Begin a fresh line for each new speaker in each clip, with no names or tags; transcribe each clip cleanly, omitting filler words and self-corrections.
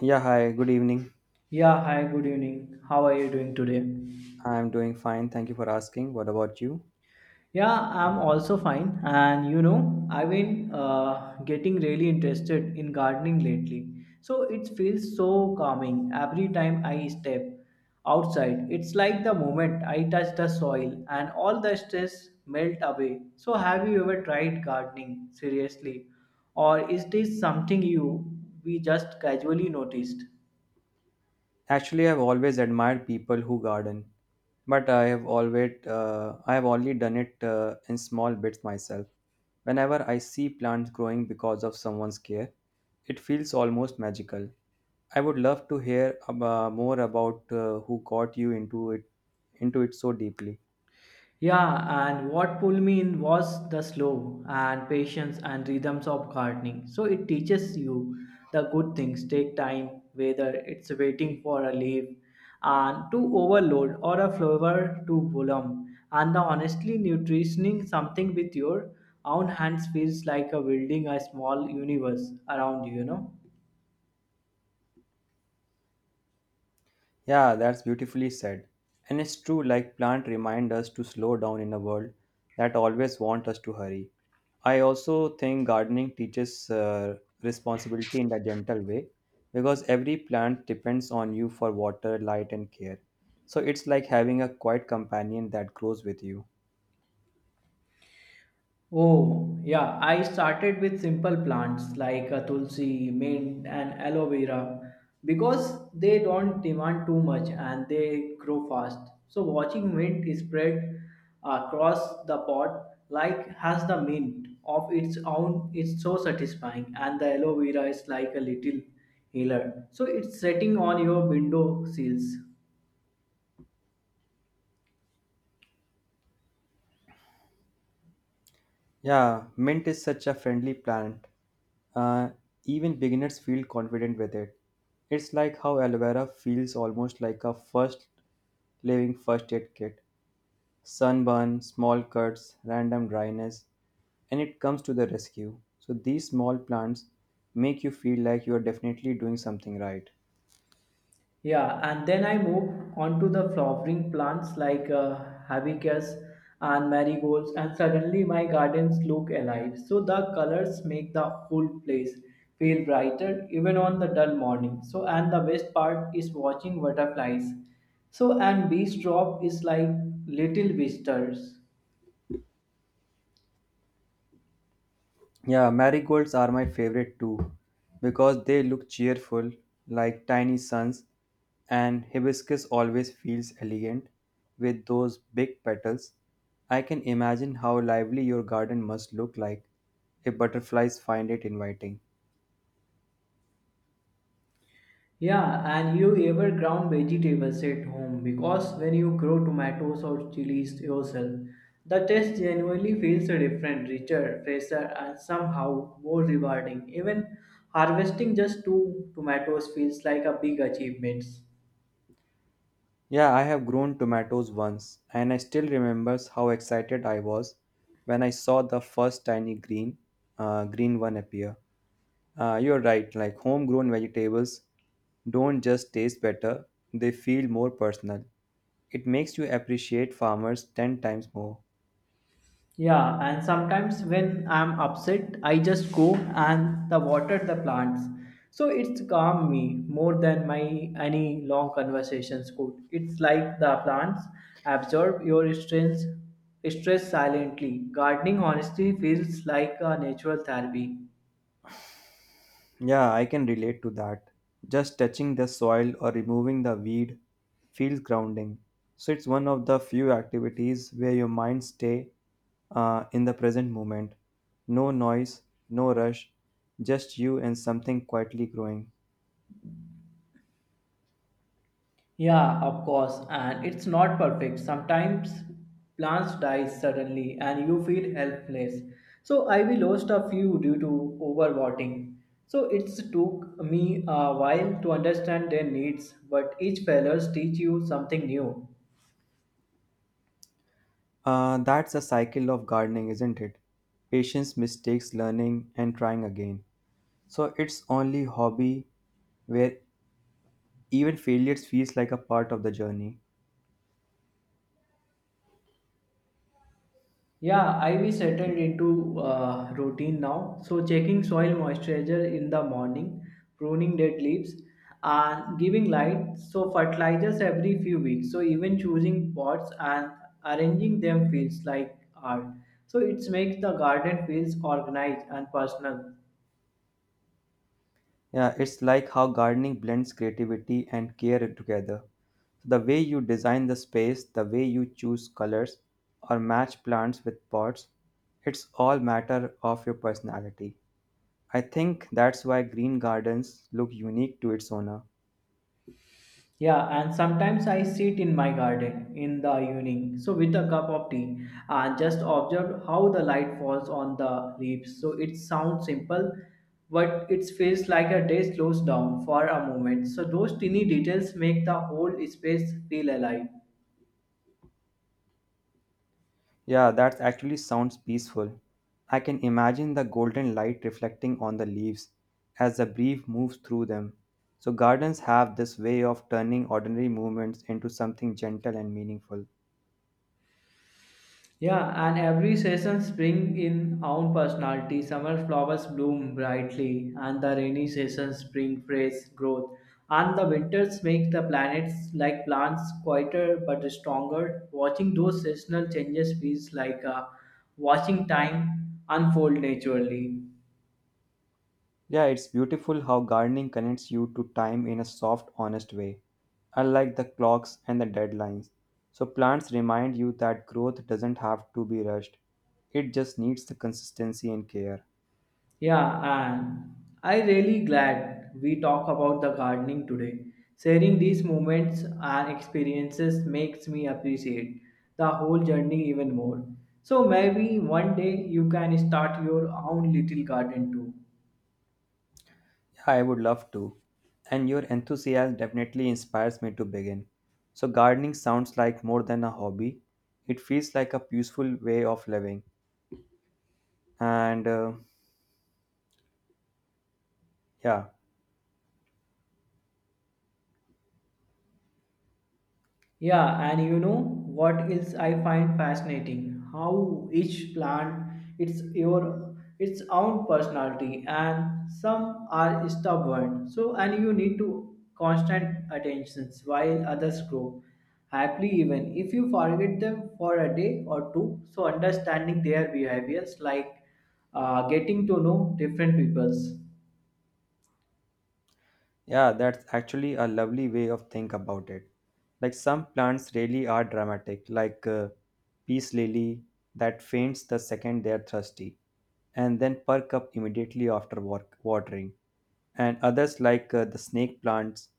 Yeah, hi, good evening.
Yeah, hi, good evening. How are you doing today?
I'm doing fine. Thank you for asking. What about you?
Yeah, I'm also fine. And you know, I've been getting really interested in gardening lately. So it feels so calming every time I step outside. It's like the moment I touch the soil and all the stress melt away. So have you ever tried gardening seriously? Or is this something you we just casually noticed?
Actually, I've always admired people who garden, but I have always I have only done it in small bits myself. Whenever I see plants growing because of someone's care, it feels almost magical. I would love to hear more about who got you into it so deeply.
Yeah, and what pulled me in was the slow and patience and rhythms of gardening. So it teaches you the good things take time, whether it's waiting for a leaf and to overload or a flower to bloom. And the honestly nutritioning something with your own hands feels like a building a small universe around you, you know.
Yeah, that's beautifully said. And it's true, like plant remind us to slow down in a world that always want us to hurry. I also think gardening teaches responsibility in a gentle way because every plant depends on you for water, light, and care. So it's like having a quiet companion that grows with you.
Oh, yeah, I started with simple plants like a tulsi, mint, and aloe vera because they don't demand too much and they grow fast. So, watching mint spread across the pot like has the mint of its own is so satisfying, and the aloe vera is like a little healer. So, it's setting on your window sills.
Yeah, mint is such a friendly plant. Uh, Even beginners feel confident with it. It's like how aloe vera feels almost like a first living first aid kit. Sunburn, small cuts, random dryness, and it comes to the rescue. So these small plants make you feel like you are definitely doing something right.
Yeah, and then I move on to the flowering plants like hibiscus and marigolds, and suddenly my gardens look alive. So the colors make the whole place feel brighter, even on the dull morning. So, and the best part is watching butterflies. So, and bees drop is like little visitors.
Yeah, marigolds are my favorite too because they look cheerful like tiny suns, and hibiscus always feels elegant with those big petals. I can imagine how lively your garden must look like if butterflies find it inviting.
Yeah, and you ever ground vegetables at home because when you grow tomatoes or chilies yourself, the taste genuinely feels different, richer, fresher, and somehow more rewarding. Even harvesting just two tomatoes feels like a big achievement.
Yeah, I have grown tomatoes once, and I still remembers how excited I was when I saw the first tiny green, green one appear. You're right. Like homegrown vegetables don't just taste better; they feel more personal. It makes you appreciate farmers ten times more.
Yeah, and sometimes when I'm upset, I just go and the water the plants. So it's calm me more than my any long conversations could. It's like the plants absorb your stress silently. Gardening honestly feels like a natural therapy.
Yeah, I can relate to that. Just touching the soil or removing the weed feels grounding. So it's one of the few activities where your mind stay in the present moment. No noise, no rush, just you and something quietly growing.
Yeah, of course, and it's not perfect. Sometimes plants die suddenly and you feel helpless. So I we lost a few due to overwatering. So it took me a while to understand their needs, but each failure teach you something new.
That's a cycle of gardening, isn't it? Patience, mistakes, learning, and trying again. So it's only hobby where even failures feels like a part of the journey.
Yeah, I we settled into routine now. So checking soil moisturizer in the morning, pruning dead leaves, and giving light. So fertilizers every few weeks. So even choosing pots and arranging them feels like art. So it makes the garden feels organized and personal.
Yeah, it's like how gardening blends creativity and care together. The way you design the space, the way you choose colors or match plants with pots, it's all matter of your personality. I think that's why green gardens look unique to its owner.
Yeah, and sometimes I sit in my garden in the evening, so with a cup of tea, and just observe how the light falls on the leaves. So it sounds simple, but it feels like a day slows down for a moment. So those tiny details make the whole space feel alive.
Yeah, that actually sounds peaceful. I can imagine the golden light reflecting on the leaves as the breeze moves through them. So gardens have this way of turning ordinary movements into something gentle and meaningful.
Yeah, and every season bring in own personality. Summer flowers bloom brightly, and the rainy seasons bring fresh growth. And the winters make the planets like plants quieter but stronger. Watching those seasonal changes feels like watching time unfold naturally.
Yeah, it's beautiful how gardening connects you to time in a soft, honest way, unlike the clocks and the deadlines. So, plants remind you that growth doesn't have to be rushed, it just needs the consistency and care.
Yeah, and I really glad we talk about the gardening today. Sharing these moments and experiences makes me appreciate the whole journey even more. So maybe one day you can start your own little garden too.
Yeah, I would love to. And your enthusiasm definitely inspires me to begin. So, gardening sounds like more than a hobby, it feels like a peaceful way of living. And yeah.
Yeah, and you know what else I find fascinating? How each plant its own personality, and some are stubborn. So, and you need to constant attentions while others grow happily, even if you forget them for a day or two. So, understanding their behaviors, like getting to know different peoples.
Yeah, that's actually a lovely way of think about it. Like some plants really are dramatic, like peace lily that faints the second they're thirsty and then perk up immediately after watering. And others like the snake plants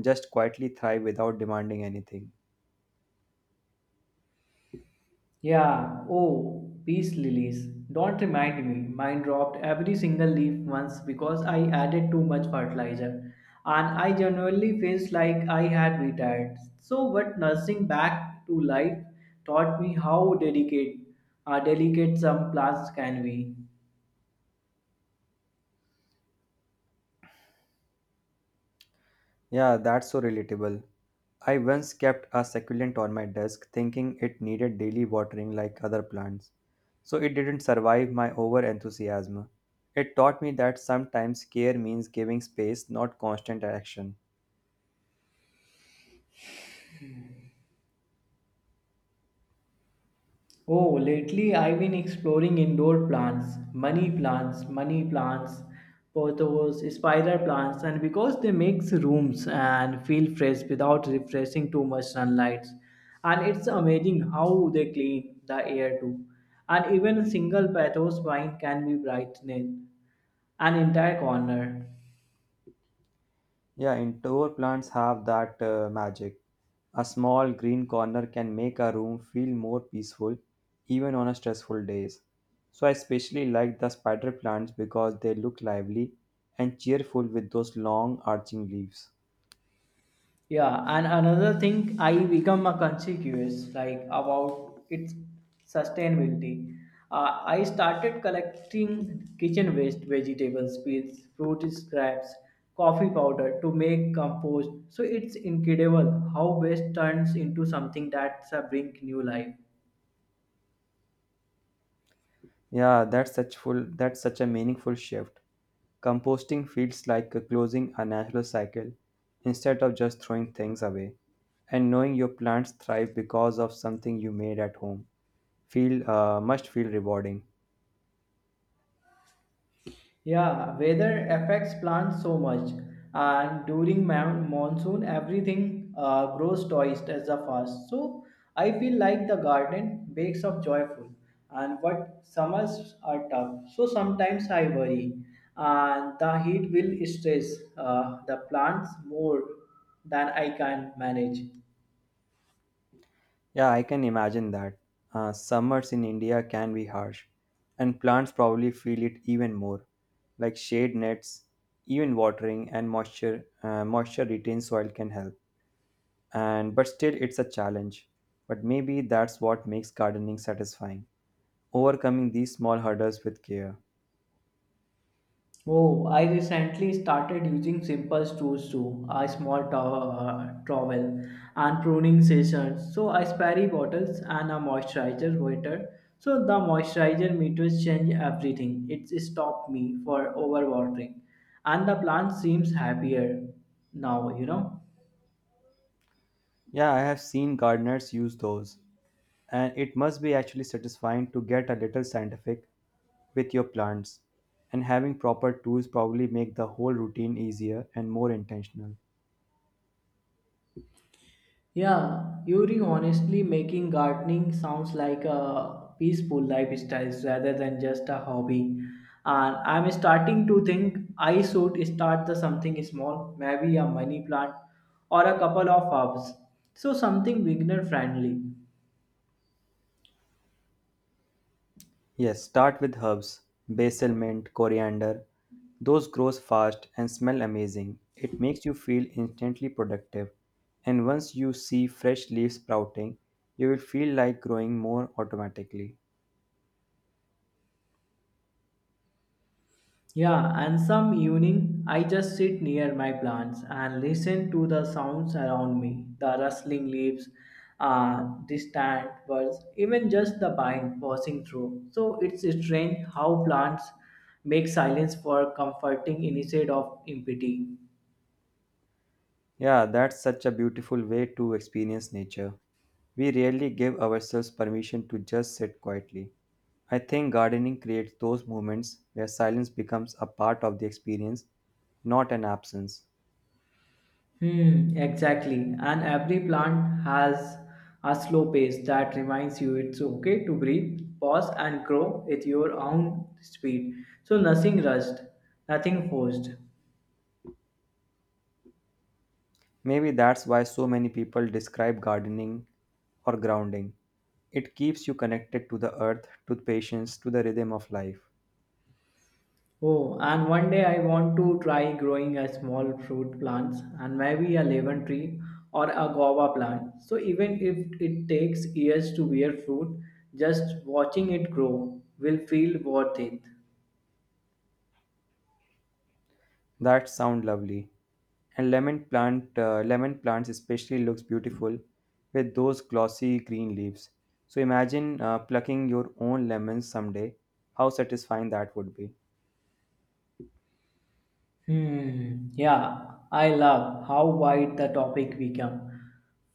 just quietly thrive without demanding anything.
Yeah, oh, peace lilies. Don't remind me. Mine dropped every single leaf once because I added too much fertilizer. And I genuinely felt like I had retired. So what nursing back to life taught me how delicate some plants can be.
Yeah, that's so relatable. I once kept a succulent on my desk thinking it needed daily watering like other plants, so it didn't survive my over enthusiasm. It taught me that sometimes care means giving space, not constant action.
Oh, lately I've been exploring indoor plants, money plants, pothos, spider plants, and because they makes rooms and feel fresh without refreshing too much sunlight. And it's amazing how they clean the air too. And even a single pothos vine can be brightening an entire corner.
Yeah, indoor plants have that magic. A small green corner can make a room feel more peaceful even on a stressful days. So I especially like the spider plants because they look lively and cheerful with those long arching leaves.
Yeah, and another thing, I become a conscious like about its sustainability. I started collecting kitchen waste, vegetables, peels, fruit scraps, coffee powder to make compost. So it's incredible how waste turns into something that's bring new life.
Yeah, that's such a meaningful shift. Composting feels like closing a natural cycle instead of just throwing things away. And knowing your plants thrive because of something you made at home feel must feel rewarding.
Yeah, weather affects plants so much, and during monsoon, everything grows twice as the fast. So I feel like the garden bakes up joyful, and what summers are tough. So sometimes I worry, and the heat will stress the plants more than I can manage.
Yeah, I can imagine that. Summers in India can be harsh, and plants probably feel it even more, like shade nets, even watering and moisture retained soil can help. And but still, it's a challenge. But maybe that's what makes gardening satisfying. Overcoming these small hurdles with care.
Oh, I recently started using simple tools too, a small trowel and pruning sessions. So I spray bottles and a moisturizer water. So the moisturizer meters change everything. It stopped me for overwatering, and the plant seems happier now. You know.
Yeah, I have seen gardeners use those, and it must be actually satisfying to get a little scientific with your plants and having proper tools probably make the whole routine easier and more intentional.
Yeah, Yuri, honestly, making gardening sounds like a peaceful lifestyle rather than just a hobby. And I'm starting to think I should start the something small, maybe a money plant or a couple of herbs. So something beginner friendly.
Yes, start with herbs, basil, mint, coriander. Those grows fast and smell amazing. It makes you feel instantly productive, and once you see fresh leaves sprouting, you will feel like growing more automatically.
Yeah, and some evening I just sit near my plants and listen to the sounds around me, the rustling leaves, distant birds, even just the pine passing through. So it's strange how plants make silence for comforting instead of empty.
Yeah, that's such a beautiful way to experience nature. We rarely give ourselves permission to just sit quietly. I think gardening creates those moments where silence becomes a part of the experience, not an absence.
Hmm, exactly. And every plant has a slow pace that reminds you it's okay to breathe, pause, and grow at your own speed. So nothing rushed, nothing forced.
Maybe that's why so many people describe gardening or grounding. It keeps you connected to the earth, to patience, to the rhythm of life.
Oh, and one day I want to try growing a small fruit plants and maybe a lemon tree or a guava plant. So even if it takes years to bear fruit, just watching it grow will feel worth it.
That sound lovely. And lemon plant, lemon plants especially looks beautiful with those glossy green leaves. So imagine plucking your own lemons someday. How satisfying that would be.
Hmm. Yeah, I love how wide the topic became,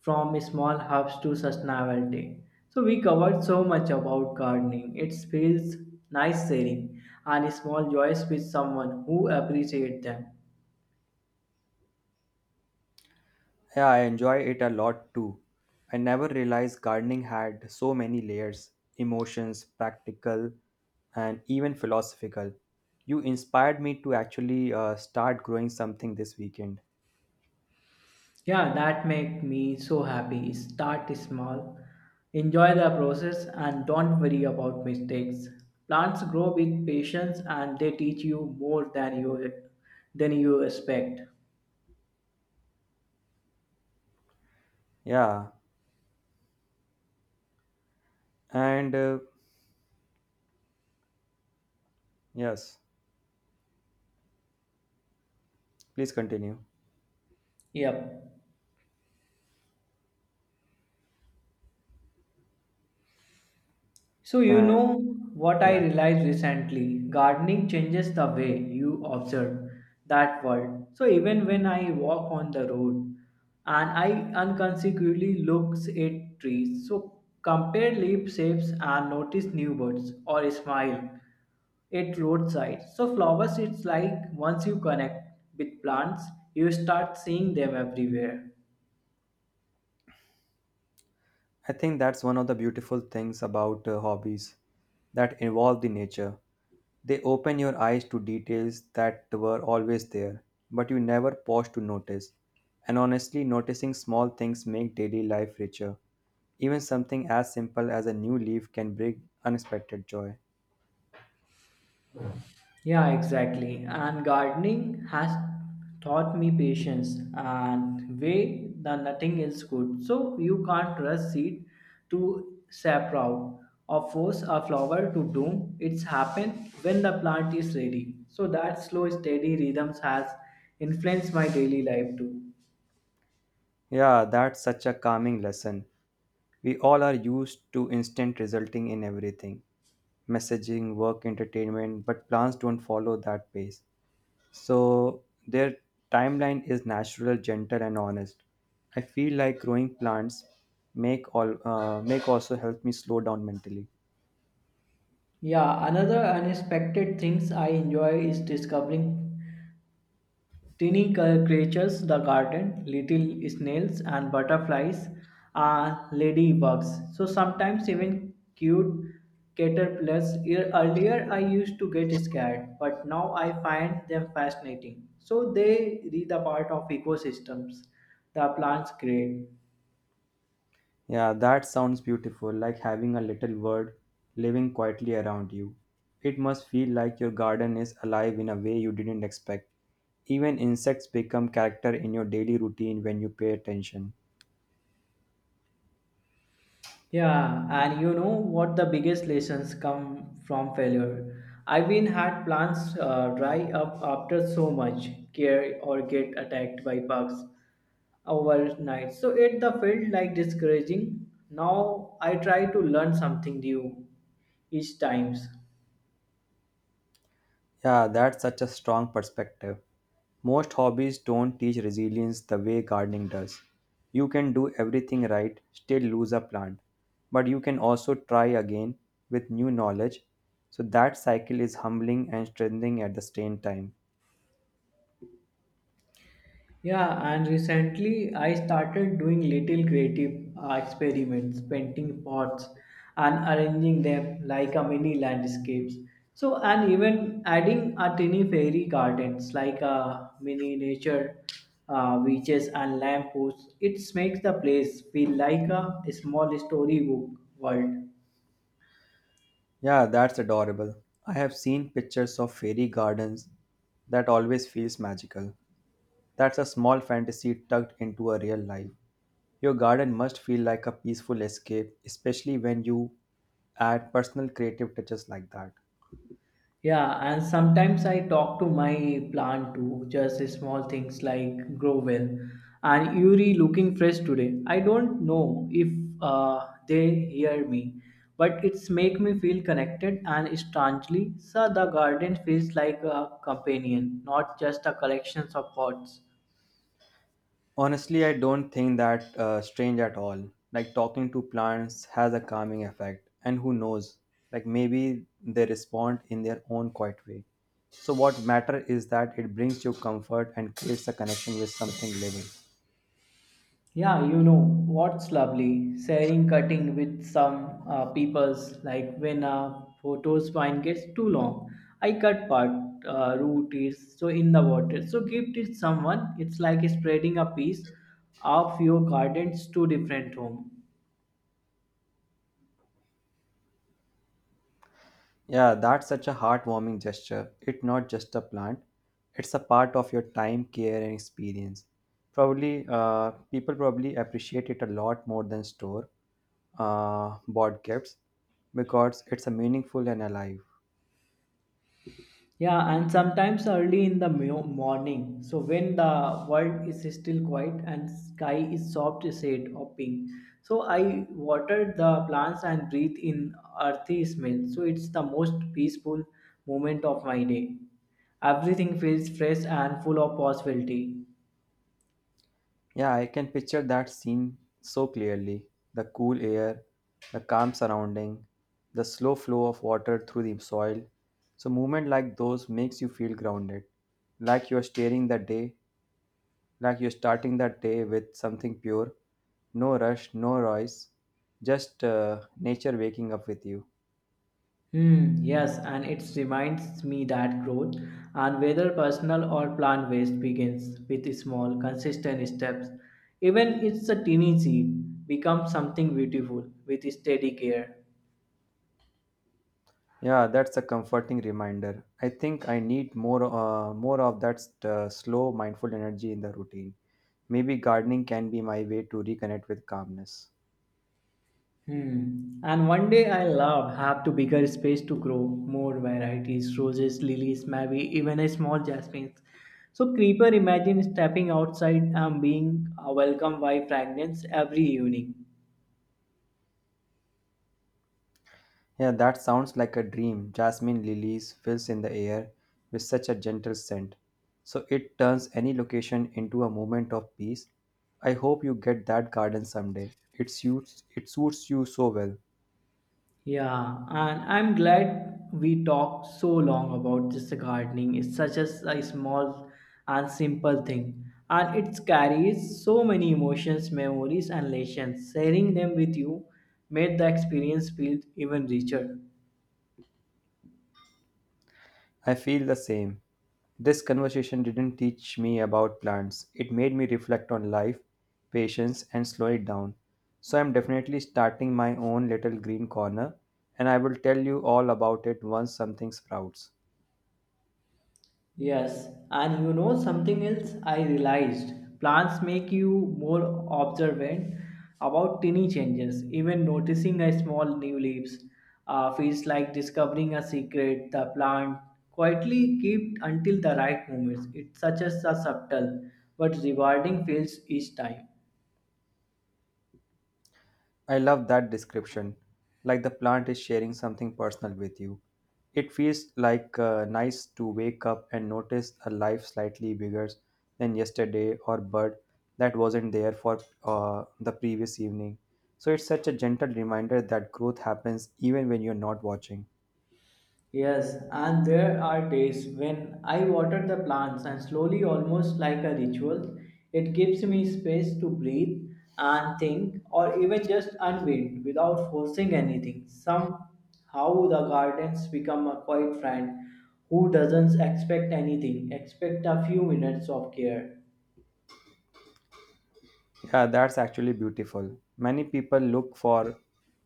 from small herbs to sustainability. So we covered so much about gardening. It feels nice sharing and small joys with someone who appreciate them.
Yeah, I enjoy it a lot too. I never realized gardening had so many layers, emotions, practical, and even philosophical. You inspired me to actually start growing something this weekend.
Yeah, that make me so happy. Start small, enjoy the process, and don't worry about mistakes. Plants grow with patience, and they teach you more than you expect.
Yeah, and yes, please continue.
Yep. So, you know what I
Yeah,
realized recently? Gardening changes the way you observe that world. So, even when I walk on the road and I unconsciously looks at trees, so compare leaf shapes and notice new birds or smile at roadside. So, flowers, it's like once you connect with plants, you start seeing them everywhere.
I think that's one of the beautiful things about hobbies that involve the nature. They open your eyes to details that were always there, but you never pause to notice. And honestly, noticing small things make daily life richer. Even something as simple as a new leaf can bring unexpected joy.
Yeah, exactly. And gardening has taught me patience and way the nothing is good. So you can't rush seed to sprout or force a flower to bloom. It's happen when the plant is ready. So that slow, steady rhythms has influenced my daily life too.
Yeah, that's such a calming lesson. We all are used to instant resulting in everything, messaging, work, entertainment, but plants don't follow that pace. So their timeline is natural, gentle, and honest. I feel like growing plants make also help me slow down mentally.
Yeah, another unexpected things I enjoy is discovering tiny creatures, the garden, little snails and butterflies, are ladybugs. So sometimes even cute caterpillars. Earlier I used to get scared, but now I find them fascinating. So they read the part of ecosystems the plants create.
Yeah, that sounds beautiful, like having a little world living quietly around you. It must feel like your garden is alive in a way you didn't expect. Even insects become character in your daily routine when you pay attention.
Yeah, and you know what the biggest lessons come from failure. I've been had plants dry up after so much care or get attacked by bugs overnight. So it the felt like discouraging. Now I try to learn something new each times.
Yeah, that's such a strong perspective. Most hobbies don't teach resilience the way gardening does. You can do everything right, still lose a plant, but you can also try again with new knowledge. So that cycle is humbling and strengthening at the same time.
Yeah, and recently I started doing little creative experiments, painting pots and arranging them like a mini landscapes. So, and even adding a tiny fairy gardens like a mini nature beaches and lampposts. It makes the place feel like a small storybook world.
Yeah, that's adorable. I have seen pictures of fairy gardens that always feels magical. That's a small fantasy tucked into a real life. Your garden must feel like a peaceful escape, especially when you add personal creative touches like that.
Yeah, and sometimes I talk to my plant too, just small things like grow well and Yuri looking fresh today. I don't know if they hear me, but it's make me feel connected and strangely, so the garden feels like a companion, not just a collection of pots.
Honestly, I don't think that strange at all. Like talking to plants has a calming effect, and who knows, like maybe they respond in their own quiet way. So, what matter is that it brings you comfort and creates a connection with something living.
Yeah, you know what's lovely? Sharing cutting with some people's like when a photo's vine gets too long. I cut part root is so in the water. So gift it someone. It's like spreading a piece of your gardens to different home.
Yeah, that's such a heartwarming gesture. It's not just a plant, it's a part of your time, care, and experience. Probably, people probably appreciate it a lot more than store bought gifts because it's a meaningful and alive.
Yeah, and sometimes early in the morning. So when the world is still quiet and sky is soft shade of pink. So I water the plants and breathe in earthy smell. So it's the most peaceful moment of my day. Everything feels fresh and full of possibility.
Yeah, I can picture that scene so clearly. The cool air, the calm surrounding, the slow flow of water through the soil. So movement like those makes you feel grounded, like you're steering the day like you're starting that day with something pure, no rush, no noise, just nature waking up with you.
Hmm, yes, and it reminds me that growth, and whether personal or plant based begins with small, consistent steps. Even if it's a teeny seed, becomes something beautiful with steady care.
Yeah, that's a comforting reminder. I think I need more of that slow mindful energy in the routine. Maybe gardening can be my way to reconnect with calmness.
Hmm. And one day I love have to bigger space to grow more varieties, roses, lilies, maybe even a small jasmines. So creeper imagine stepping outside and being welcomed by fragrance every evening.
Yeah, that sounds like a dream. Jasmine lilies fills in the air with such a gentle scent. So it turns any location into a moment of peace. I hope you get that garden someday. It suits you so well.
Yeah, and I'm glad we talked so long about this gardening. It's such a small and simple thing, and it carries so many emotions, memories, and lessons. Sharing them with you made the experience feel even richer.
I feel the same. This conversation didn't teach me about plants. It made me reflect on life, patience, and slow it down. So I'm definitely starting my own little green corner, and I will tell you all about it once something sprouts.
Yes, and you know something else I realized. Plants make you more observant about tiny changes. Even noticing a small new leaves feels like discovering a secret the plant quietly kept until the right moment. It's such as a subtle but rewarding feels each time.
I love that description. Like the plant is sharing something personal with you. It feels like nice to wake up and notice a life slightly bigger than yesterday, or bird that wasn't there for the previous evening. So it's such a gentle reminder that growth happens even when you're not watching.
Yes, and there are days when I water the plants and slowly, almost like a ritual, it gives me space to breathe and think or even just unwind without forcing anything. Somehow the gardens become a quiet friend who doesn't expect anything, expect a few minutes of care.
Yeah, that's actually beautiful. Many people look for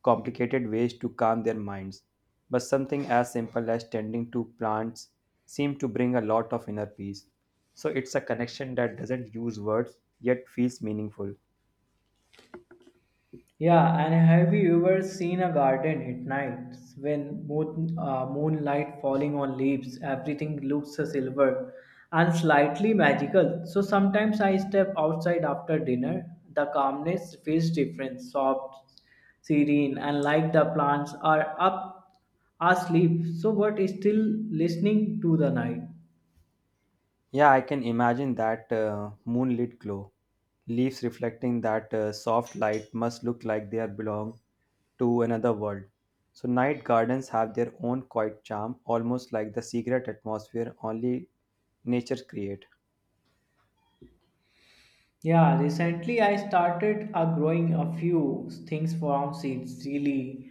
complicated ways to calm their minds, but something as simple as tending to plants seems to bring a lot of inner peace. So it's a connection that doesn't use words yet feels meaningful.
Yeah, and have you ever seen a garden at night when moonlight falling on leaves? Everything looks a silver and slightly magical. So sometimes I step outside after dinner. The calmness feels different, soft, serene, and like the plants are up asleep, so but still listening to the night.
Yeah, I can imagine that moonlit glow. Leaves reflecting that soft light must look like they are belong to another world. So, night gardens have their own quiet charm, almost like the secret atmosphere only nature create.
Yeah, recently I started growing a few things from seeds, chili,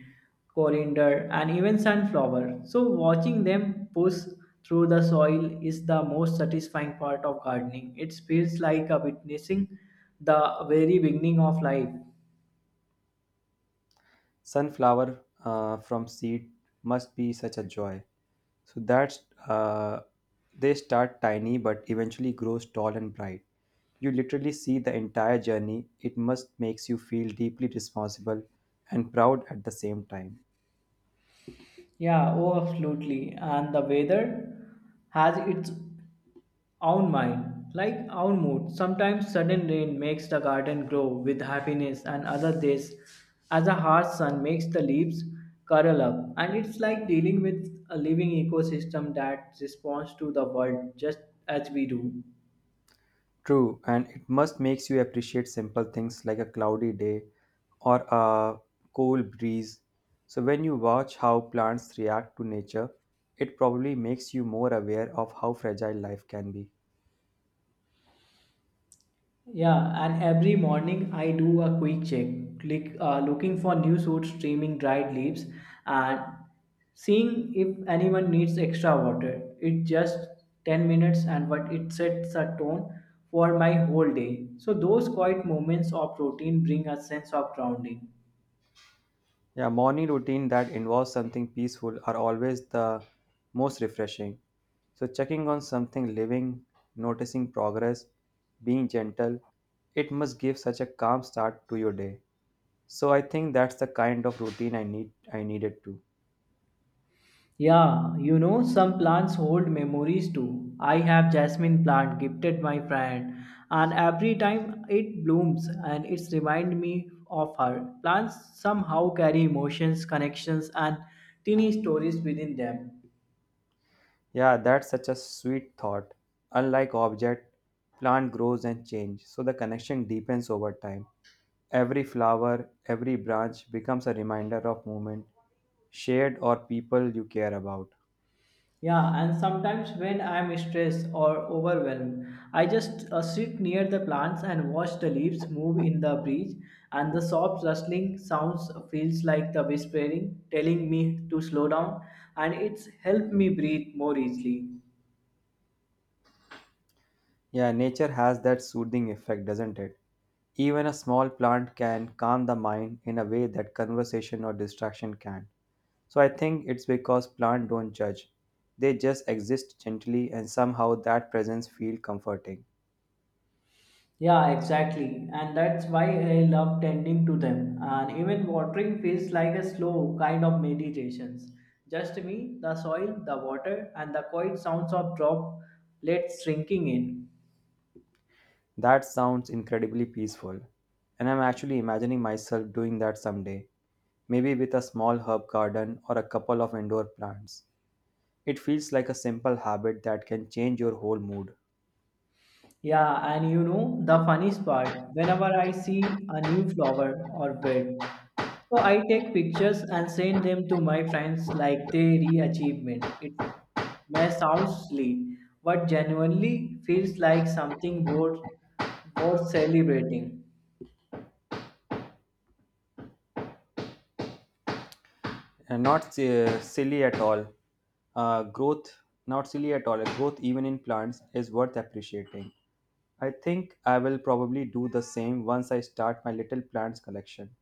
coriander, and even sunflower. So watching them push through the soil is the most satisfying part of gardening. It feels like a witnessing the very beginning of life.
Sunflower from seed must be such a joy. So that's uh, they start tiny but eventually grows tall and bright. You literally see the entire journey. It must makes you feel deeply responsible and proud at the same time.
Yeah, oh, absolutely. And the weather has its own mind, like our mood, sometimes sudden rain makes the garden grow with happiness, and other days, as a harsh sun makes the leaves curl up. And it's like dealing with a living ecosystem that responds to the world just as we do.
True, and it must makes you appreciate simple things like a cloudy day or a cool breeze. So when you watch how plants react to nature, it probably makes you more aware of how fragile life can be.
Yeah, and every morning I do a quick check, click looking for new shoots, trimming dried leaves, and seeing if anyone needs extra water. It's just 10 minutes, and but it sets a tone for my whole day. So those quiet moments of routine bring a sense of grounding.
Yeah, morning routine that involves something peaceful are always the most refreshing. So, checking on something living, noticing progress, being gentle, it must give such a calm start to your day. So, I think that's the kind of routine I need. I needed to.
Yeah, you know, some plants hold memories too. I have jasmine plant gifted my friend and every time it blooms and it's remind me of her. Plants somehow carry emotions, connections and teeny stories within them.
Yeah, that's such a sweet thought. Unlike object, plant grows and change, so the connection deepens over time. Every flower, every branch becomes a reminder of moment, shared or people you care about.
Yeah, and sometimes when I'm stressed or overwhelmed, I just sit near the plants and watch the leaves move in the breeze, and the soft rustling sounds feels like the whispering telling me to slow down, and it's helped me breathe more easily.
Yeah, nature has that soothing effect, doesn't it? Even a small plant can calm the mind in a way that conversation or distraction can. So I think it's because plants don't judge. They just exist gently, and somehow that presence feels comforting.
Yeah, exactly, and that's why I love tending to them, and even watering feels like a slow kind of meditations. Just me, the soil, the water, and the quiet sounds of drop let shrinking in.
That sounds incredibly peaceful. And I'm actually imagining myself doing that someday, maybe with a small herb garden or a couple of indoor plants. It feels like a simple habit that can change your whole mood.
Yeah, and you know the funniest part, whenever I see a new flower or bed, so I take pictures and send them to my friends like they re-achievement. It may sound silly, but genuinely feels like something worth celebrating.
Not silly at all. Uh, growth, Growth, even in plants, is worth appreciating. I think I will probably do the same once I start my little plants collection.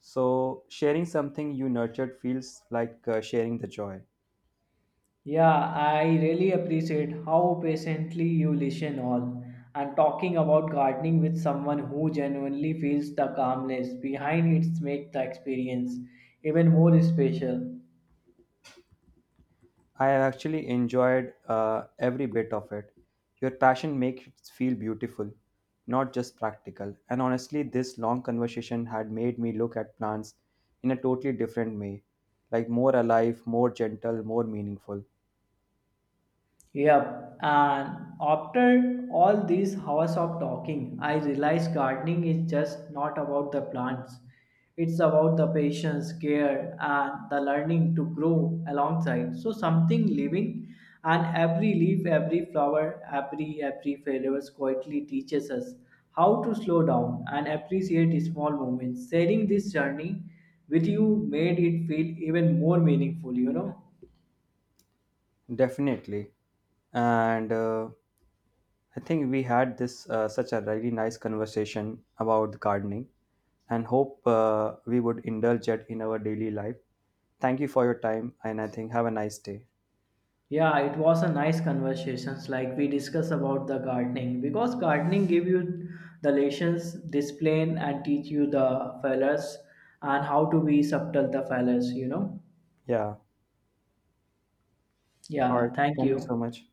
So, sharing something you nurtured feels like sharing the joy.
Yeah, I really appreciate how patiently you listen all and talking about gardening with someone who genuinely feels the calmness behind it makes the experience even more special.
I have actually enjoyed every bit of it. Your passion makes it feel beautiful, not just practical. And honestly, this long conversation had made me look at plants in a totally different way, like more alive, more gentle, more meaningful.
Yep, and after all these hours of talking, I realized gardening is just not about the plants. It's about the patience, care, and the learning to grow alongside. So something living, and every leaf, every flower, every failure quietly teaches us how to slow down and appreciate small moments. Sharing this journey with you made it feel even more meaningful. You know.
Definitely. And I think we had this such a really nice conversation about gardening, and hope we would indulge it in our daily life. Thank you for your time, and I think have a nice day.
Yeah, it was a nice conversations like we discussed about the gardening because gardening give you the lessons, discipline and teach you the fellas and how to be subtle the fellas, you know.
Yeah. All right.
Yeah, thank
Thank you
you.
so much.